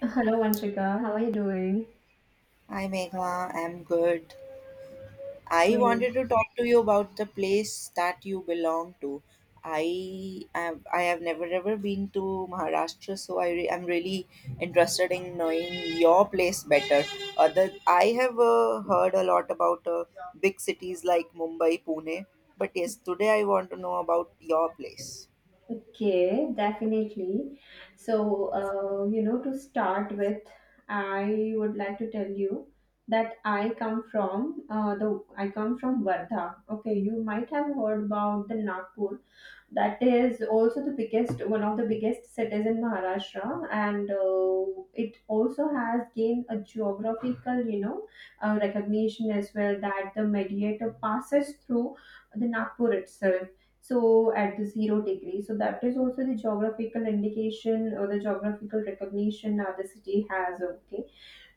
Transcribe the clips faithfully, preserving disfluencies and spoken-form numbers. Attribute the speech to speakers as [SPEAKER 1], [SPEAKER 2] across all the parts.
[SPEAKER 1] Hello, Vanshika. How are you doing?
[SPEAKER 2] Hi Meghna, I'm good. I
[SPEAKER 1] Great.
[SPEAKER 2] wanted to talk to you about the place that you belong to. I am, I have never ever been to Maharashtra, so I re- I'm really interested in knowing your place better. Other, I have uh, heard a lot about uh, big cities like Mumbai, Pune, but yes, today I want to know about your place.
[SPEAKER 1] Okay, definitely. So, uh, you know, to start with, I would like to tell you that I come from uh, the I come from Vardha. Okay, you might have heard about the Nagpur that is also the biggest one of the biggest cities in Maharashtra, and uh, it also has gained a geographical you know uh, recognition as well, that the mediator passes through the Nagpur itself, so at the zero degree. So that is also the geographical indication or the geographical recognition that the city has. Okay,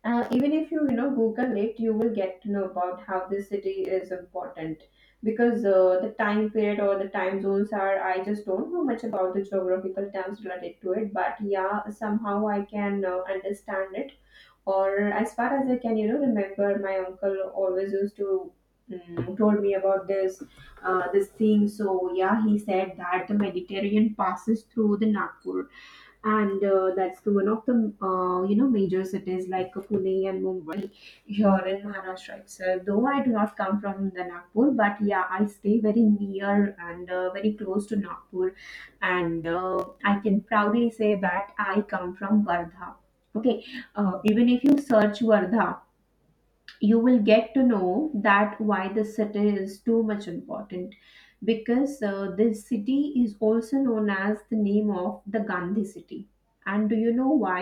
[SPEAKER 1] uh, even if you you know Google it, you will get to know about how this city is important, because uh, the time period or the time zones are, I just don't know much about the geographical terms related to it, but yeah, somehow I can uh, understand it. Or as far as I can you know remember, my uncle always used to mm, told me about this uh, this thing. So yeah, he said that the Mediterranean passes through the Nagpur, and uh, that's the one of the uh, you know major cities like Pune and Mumbai here in Maharashtra itself. Though I do not come from the Nagpur, but yeah, I stay very near and uh, very close to Nagpur, and uh, I can proudly say that I come from Vardha. Okay, uh, even if you search Vardha, you will get to know that why the city is too much important, because uh, this city is also known as the name of the Gandhi city. And do you know why?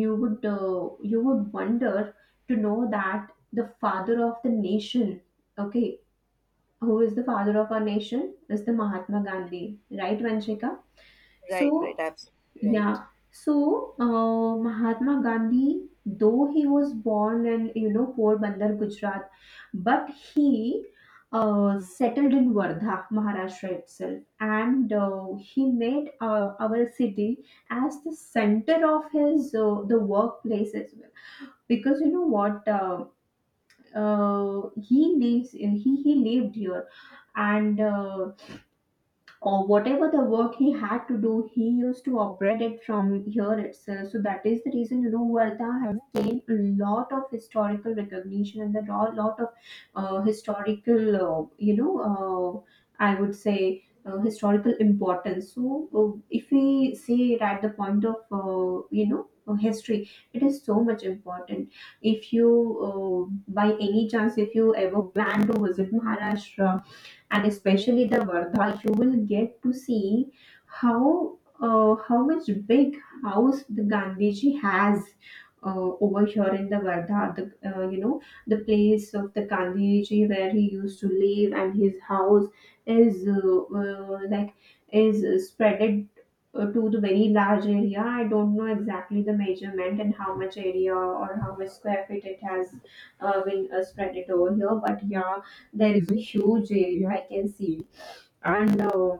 [SPEAKER 1] You would uh, you would wonder to know that the father of the nation, okay, who is the father of our nation is the Mahatma Gandhi, right, Vanshika?
[SPEAKER 2] Right, right,
[SPEAKER 1] So
[SPEAKER 2] absolutely right.
[SPEAKER 1] yeah. So, uh, Mahatma Gandhi, though he was born in, you know, Porbandar, Gujarat, but he uh, settled in Wardha, Maharashtra itself, and uh, he made uh, our city as the center of his, uh, the workplace as well. Because you know what, uh, uh, he lives in he he lived here, and uh, or whatever the work he had to do, he used to operate it from here itself. So that is the reason, you know, Wardha has gained a lot of historical recognition, and there are a lot of uh, historical, uh, you know, uh, I would say uh, historical importance. So uh, if we see it at the point of, uh, you know, uh, history, it is so much important. If you, uh, By any chance, if you ever plan to visit Maharashtra, and especially the Vardha, you will get to see how uh, how much big house the Gandhiji has uh, over here in the Vardha. The uh, you know the place of the Gandhiji where he used to live and his house is uh, uh, like is spreaded uh, to the very large area. I don't know exactly the measurement and how much area or how much square feet it has uh, been uh, spread it over here, but yeah, there is a huge area I can see. And uh,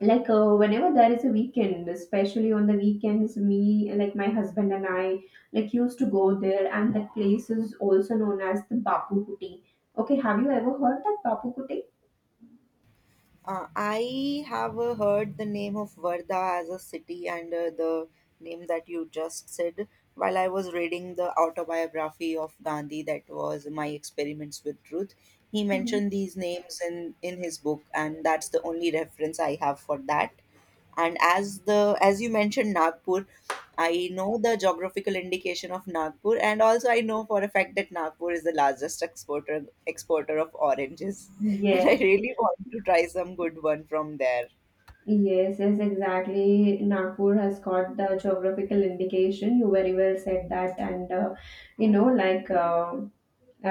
[SPEAKER 1] like uh, whenever there is a weekend, especially on the weekends, me like my husband and I like used to go there. And that place is also known as the Bapu Kuti. Okay, have you ever heard that Bapu Kuti?
[SPEAKER 2] Uh, I have uh, heard the name of Varda as a city and uh, the name that you just said while I was reading the autobiography of Gandhi that was My Experiments with Truth. He
[SPEAKER 1] Mhm.
[SPEAKER 2] mentioned these names in, in his book, and that's the only reference I have for that. And as the as you mentioned Nagpur, I know the geographical indication of Nagpur, and also I know for a fact that Nagpur is the largest exporter exporter of oranges and I
[SPEAKER 1] Yes,
[SPEAKER 2] really want to try some good one from there.
[SPEAKER 1] yes, yes, exactly. Nagpur has got the geographical indication. You very well said that, and uh, you know, like uh,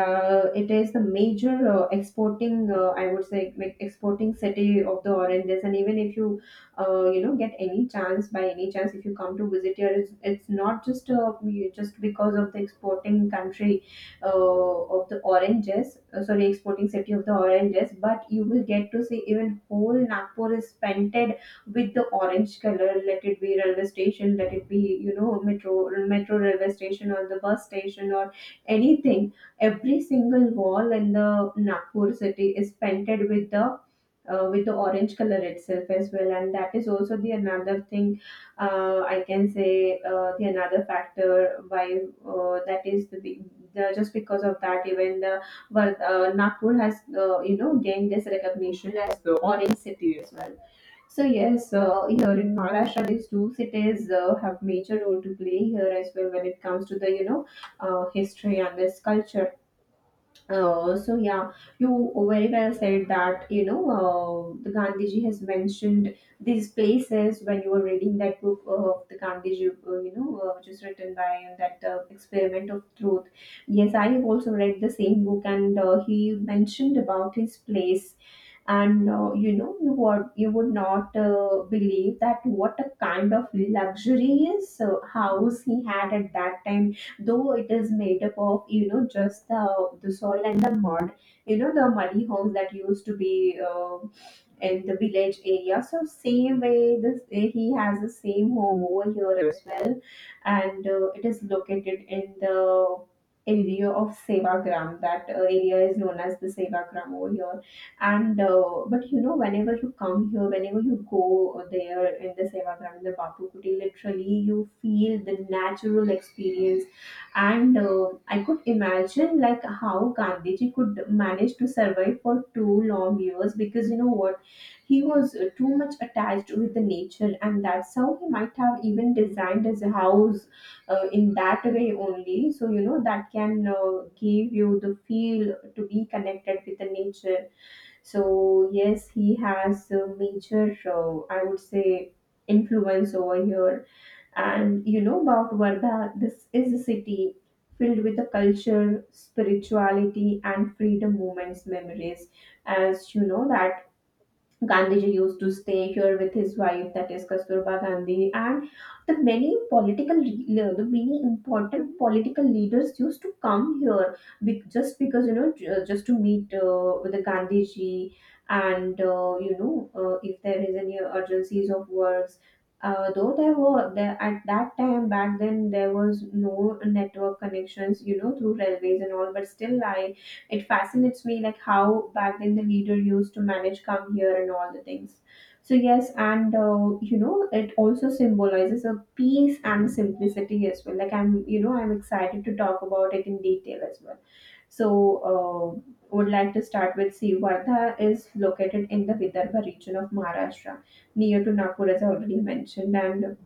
[SPEAKER 1] Uh, it is the major uh, exporting, uh, I would say, like exporting city of the oranges. And even if you, uh, you know, get any chance by any chance, if you come to visit here, it's, it's not just uh, we- just because of the exporting country uh, of the oranges, uh, sorry, exporting city of the oranges, but you will get to see even whole Nagpur is painted with the orange color. Let it be railway station, let it be you know metro metro railway station or the bus station or anything. Every single wall in the Nagpur city is painted with the uh, with the orange color itself as well, and that is also the another thing uh, I can say uh, the another factor why uh, that is the, big- the just because of that even the but uh, Nagpur has uh, you know gained this recognition as the orange city as well. So yes, uh, here in Maharashtra, these two cities uh, have major role to play here as well when it comes to the you know uh, history and this culture. Uh, so yeah, you very well said that you know uh, the Gandhiji has mentioned these places when you were reading that book of the Gandhiji, uh, you know, uh, which is written by that uh, experiment of truth. Yes, I have also read the same book, and uh, he mentioned about his place, and uh, you know you would you would not uh, believe that what a kind of luxurious uh, house he had at that time, though it is made up of, you know just the the soil and the mud, you know, the muddy homes that used to be uh, in the village area. So same way, this he has the same home over here as well, and uh, it is located in the area of Sevagram. That uh, area is known as the Sevagram over here. And uh, but you know, whenever you come here, whenever you go there in the Sevagram, in the Bapu Kuti, literally you feel the natural experience, and uh, I could imagine like how Gandhiji could manage to survive for two long years, because you know what, he was uh, too much attached with the nature, and that's how he might have even designed his house uh, in that way only. So, you know, that can uh, give you the feel to be connected with the nature. So, yes, he has a major, uh, I would say, influence over here. And you know about Varda, this is a city filled with the culture, spirituality, and freedom movements memories. As you know, that Gandhiji used to stay here with his wife, that is Kasturba Gandhi, and the many political, re- uh, the many important political leaders used to come here be- just because, you know ju- just to meet uh, with the Gandhiji, and uh, you know uh, if there is any urgencies of works. Uh, though there were there at that time back then there was no network connections, you know through railways and all, but still I, it fascinates me like how back then the leader used to manage come here and all the things. So yes, and uh, you know it also symbolizes a peace and simplicity as well. Like, I'm you know I'm excited to talk about it in detail as well. So uh, would like to start with, see, Vardha is located in the Vidarbha region of Maharashtra near to Nagpur, as I already mentioned, and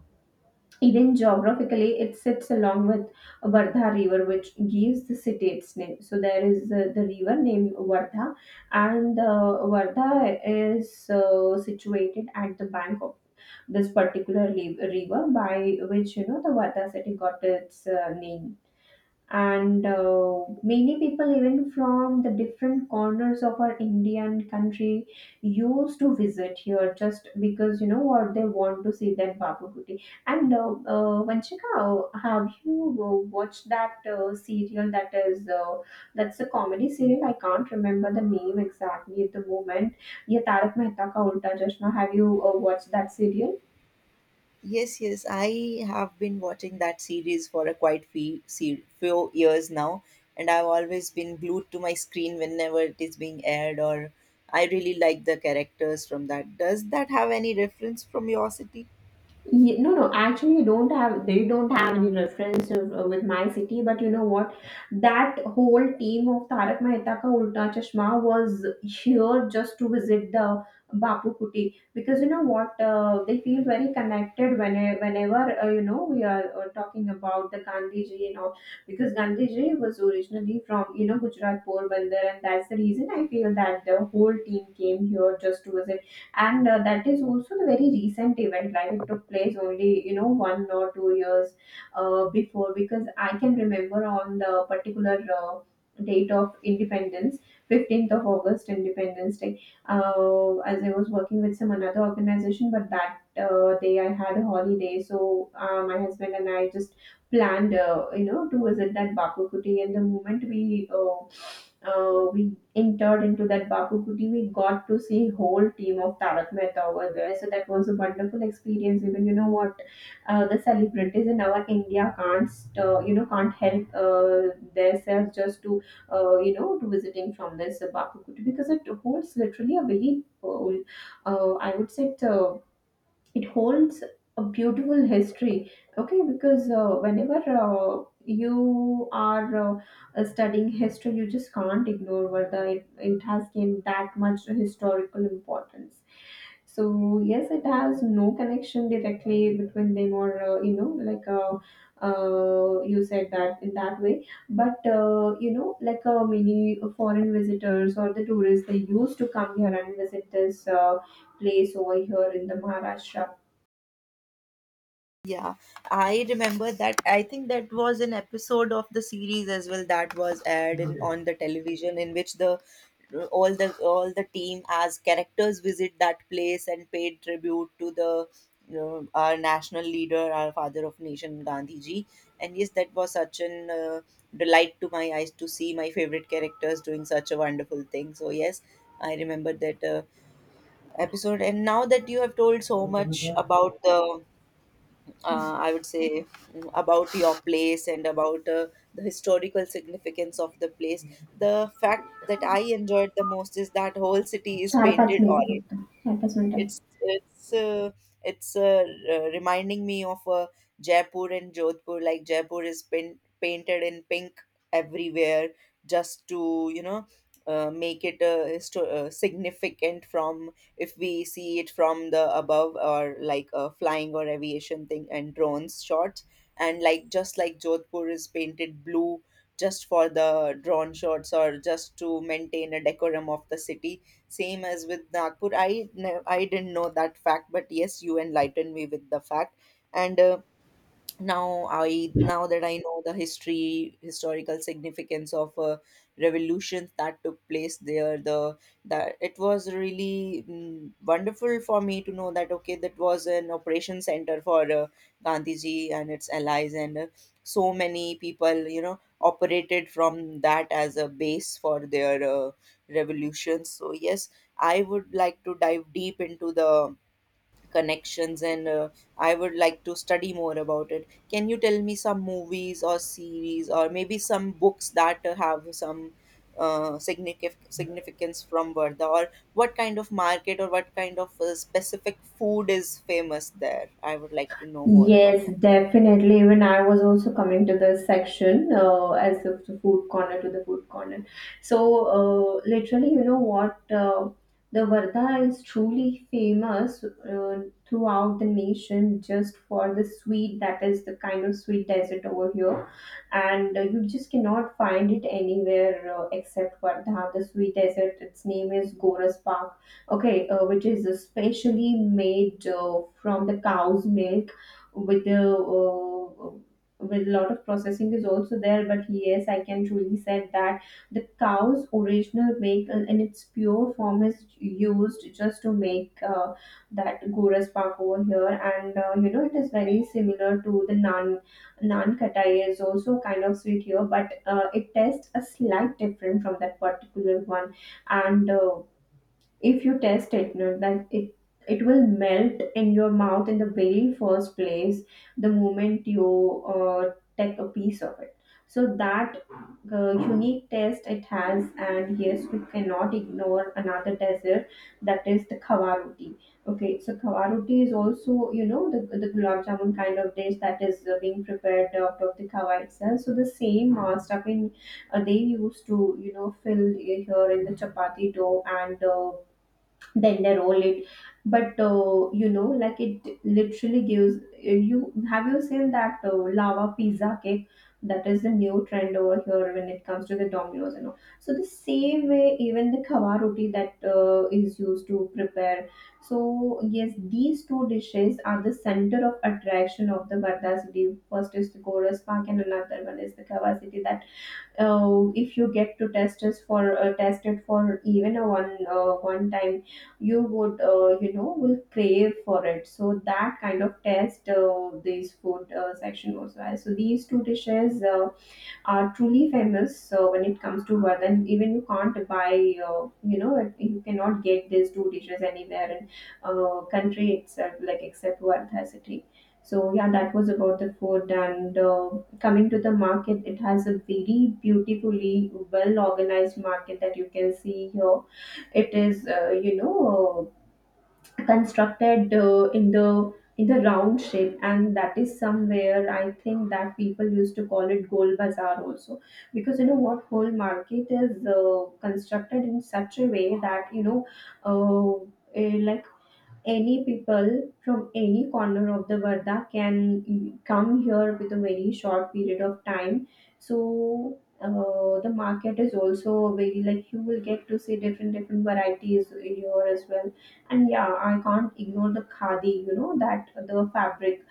[SPEAKER 1] even geographically, it sits along with Vardha River, which gives the city its name. So there is uh, the river named Vardha, and uh, Vardha is uh, situated at the bank of this particular li- river, by which you know the Vardha city got its uh, name, and uh, many people even from the different corners of our Indian country used to visit here just because you know what, they want to see that Babu Booty. And uh, uh, Vanchika, uh, have you uh, watched that uh, serial, that is uh, that's a comedy serial? I can't remember the name exactly at the moment. Yeah, Tarak Mehta Ka Ulta Chashma, have you uh, watched that serial?
[SPEAKER 2] Yes, yes, I have been watching that series for a quite few, few years now, and I've always been glued to my screen whenever it is being aired, or I really like the characters from that. Does that have any reference from your city?
[SPEAKER 1] Ye- No, no, actually, you don't have, they don't have any reference uh, with my city, but you know what? That whole team of Tarak Mehta Ka Ulta Chashma was here just to visit the Bapu Kuti, because you know what? Uh, they feel very connected when, uh, whenever, uh, you know, we are uh, talking about the Gandhiji and all, because Gandhiji was originally from, you know, Gujarat Porbandar, and that's the reason I feel that the whole team came here just to visit. And uh, that is also the very recent event, like it took place only, you know one or two years uh, before, because I can remember on the particular uh, date of independence, fifteenth of August, independence day, uh, as I was working with some another organization, but that uh, day I had a holiday. So uh, my husband and I just planned, uh, you know, to visit that Bapu Kuti. And the moment we, uh, uh, we entered into that Bapu Kuti, we got to see whole team of Tarak Mehta over there. So that was a wonderful experience. Even you know what, uh, the celebrities in our India can't, uh, you know, can't help uh, themselves just to, uh, you know, to visiting from this uh, Bapu Kuti because it holds literally a very, uh, uh, I would say, it, uh, it holds a beautiful history, okay? Because uh, whenever uh, you are uh, studying history, you just can't ignore whether it, it has gained that much historical importance. So yes, it has no connection directly between them, or uh, you know like uh, uh, you said that in that way. But uh, you know like uh, many foreign visitors or the tourists, they used to come here and visit this uh, place over here in the Maharashtra.
[SPEAKER 2] Yeah, I remember that. I think that was an episode of the series as well that was aired in, on the television in which the all the all the team as characters visit that place and paid tribute to the you know, our national leader, our father of nation, Gandhi ji. And yes, that was such an uh, delight to my eyes to see my favorite characters doing such a wonderful thing. So yes, I remember that uh, episode. And now that you have told so much about the uh, I would say mm, about your place and about uh, the historical significance of the place. The fact that I enjoyed the most is that whole city is
[SPEAKER 1] char pass
[SPEAKER 2] painted
[SPEAKER 1] ఉంది
[SPEAKER 2] orange.
[SPEAKER 1] మొత్తం చార్ pass ఉంటాయి.
[SPEAKER 2] It's it's uh, it's uh, r- reminding me of uh, Jaipur and Jodhpur. Like Jaipur is pin- painted in pink everywhere, just to you know uh, make it uh, histo- uh, significant from if we see it from the above or like a flying or aviation thing and drones shots. And like just like Jodhpur is painted blue just for the drone shots or just to maintain a decorum of the city same as with Nagpur. I, ne- I didn't know that fact, but yes, you enlightened me with the fact. And uh, now i now that I know the history historical significance of uh, revolutions that took place there the that it was really mm, wonderful for me to know that okay that was an operation center for uh, gandhiji and its allies and uh, so many people you know operated from that as a base for their uh, revolutions so yes I would like to dive deep into the connections and uh, I would like to study more about it. Can you tell me some movies or series or maybe some books that uh, have some uh, significant significance from Varda, or what kind of market or what kind of uh, specific food is famous there? I would like to know more about
[SPEAKER 1] Yes,
[SPEAKER 2] that.
[SPEAKER 1] definitely. Even I was also coming to the section, uh, as of the food corner, to the food corner. So, uh, literally, you know what? Uh, the Varda is truly famous uh, throughout the nation just for the sweet, that is the kind of sweet dessert over here. And uh, you just cannot find it anywhere uh, except Varda. The sweet dessert, its name is Goras Pak, okay, uh, which is especially made uh, from the cow's milk, with the uh, with a lot of processing is also there. But yes, I can truly say that the cow's original milk, uh, in its pure form, is used just to make uh, that Goras Pak over here. And uh, you know, it is very similar to the naan. Naan katai is also kind of sweet here, but uh, it tastes a slight different from that particular one. And uh, if you taste it, you know, that it it will melt in your mouth in the very first place, the moment you uh, take a piece of it. So that uh, unique taste it has. And yes, we cannot ignore another dessert, that is the khawa roti. Okay, so khawa roti is also, you know, the, the gulab jamun kind of dish, that is uh, being prepared out of the khawa itself. So the same uh, stuffing, uh, they used to, you know, fill here in the chapati dough, and uh, then they roll it. But uh, you know, like, it literally gives, uh, you have, you seen that uh, lava pizza cake? That is the new trend over here when it comes to the Dominoes and all. So the same way even the khawa roti that uh, is used to prepare. So yes, these two dishes are the center of attraction of the Varda city. First is the Goras Park and another one is the Khawa city. That uh, if you get to test us for, uh, test it for even a one uh, one time, you would, uh, you know will crave for it. So that kind of test uh, this food uh, section also has. So these two dishes uh, are truly famous uh, when it comes to wealth, and even you can't buy, uh, you know, it- you cannot get these two dishes anywhere in uh, country itself, like except Wardha city. So yeah, that was about the food. And uh, coming to the market, it has a very beautifully well organized market that you can see here. It is, uh, you know, constructed uh, in the in the round shape. And that is somewhere, I think, that people used to call it gold bazaar also, because you know what, whole market is uh, constructed in such a way that, you know, uh, eh, like, any people from any corner of the Varda can come here with a very short period of time. So uh, the market is also very, like, you will get to see different different varieties here as well. And yeah, I can't ignore the khadi. You know that the fabric,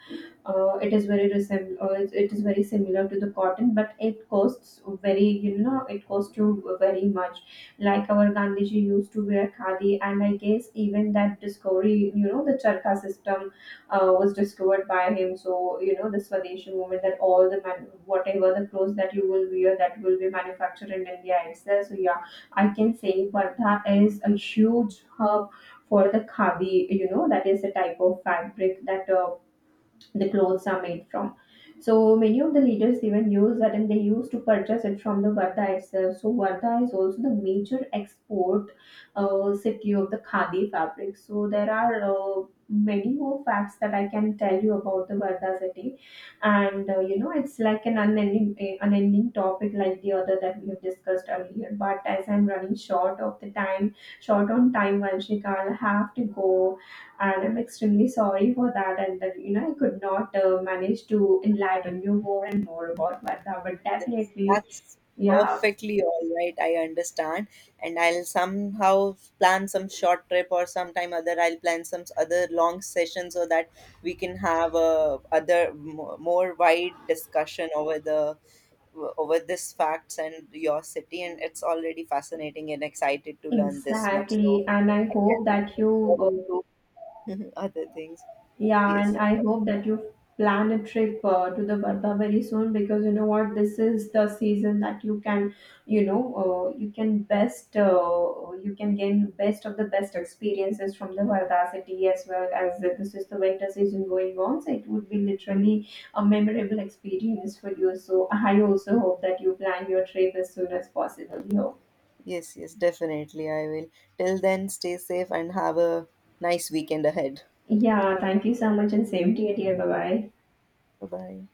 [SPEAKER 1] uh, it is very resemb- uh, it it is very similar to the cotton, but it costs very, you know, it costs you very much. Like our Gandhiji used to wear khadi, and I guess even that discovery, you know, the charka system, uh, was discovered by him. So you know, the Swadeshi movement, that all the man- whatever the clothes that you will wear, that will be manufactured in India itself. So yeah, I can say Vardha is a huge hub for the khadi, you know, that is a type of fabric that uh, the clothes are made from. So many of the leaders even use that, and they used to purchase it from the Varda itself. So Varda is also the major export uh, city of the Khadi fabric. So there are uh, many more facts that I can tell you about the Varda city. And uh, you know, it's like an unending, eh, unending topic, like the other that we have discussed earlier. But as I'm running short of the time, short on time, Vanshika, I'll have to go, and I'm extremely sorry for that. And that, you know, I could not uh, manage to enlighten you more and more about Varda. But
[SPEAKER 2] That's,
[SPEAKER 1] definitely,
[SPEAKER 2] that's
[SPEAKER 1] yeah,
[SPEAKER 2] perfectly all right. I understand. And I'll somehow plan some short trip or sometime other I'll plan some other long session so that we can have a other mo- more wide discussion over the over this facts and your city and it's already fascinating and excited to learn this much. So
[SPEAKER 1] exactly. And I
[SPEAKER 2] I
[SPEAKER 1] hope
[SPEAKER 2] can
[SPEAKER 1] that
[SPEAKER 2] look
[SPEAKER 1] you uh,
[SPEAKER 2] forward to other things.
[SPEAKER 1] yeah, and
[SPEAKER 2] Yes.
[SPEAKER 1] I hope that you plan a trip uh, to the Varda very soon, because you know what, this is the season that you can, you know, uh, you can best, uh, you can gain best of the best experiences from the Varda city, as well as that this is the winter season going on. So it would be literally a memorable experience for you. So I also hope that you plan your trip as soon as possible, you know.
[SPEAKER 2] Yes, yes, definitely I will. Till then, stay safe and have a nice weekend ahead.
[SPEAKER 1] Yeah, thank you so much and same to you, dear. Bye bye.
[SPEAKER 2] Bye bye.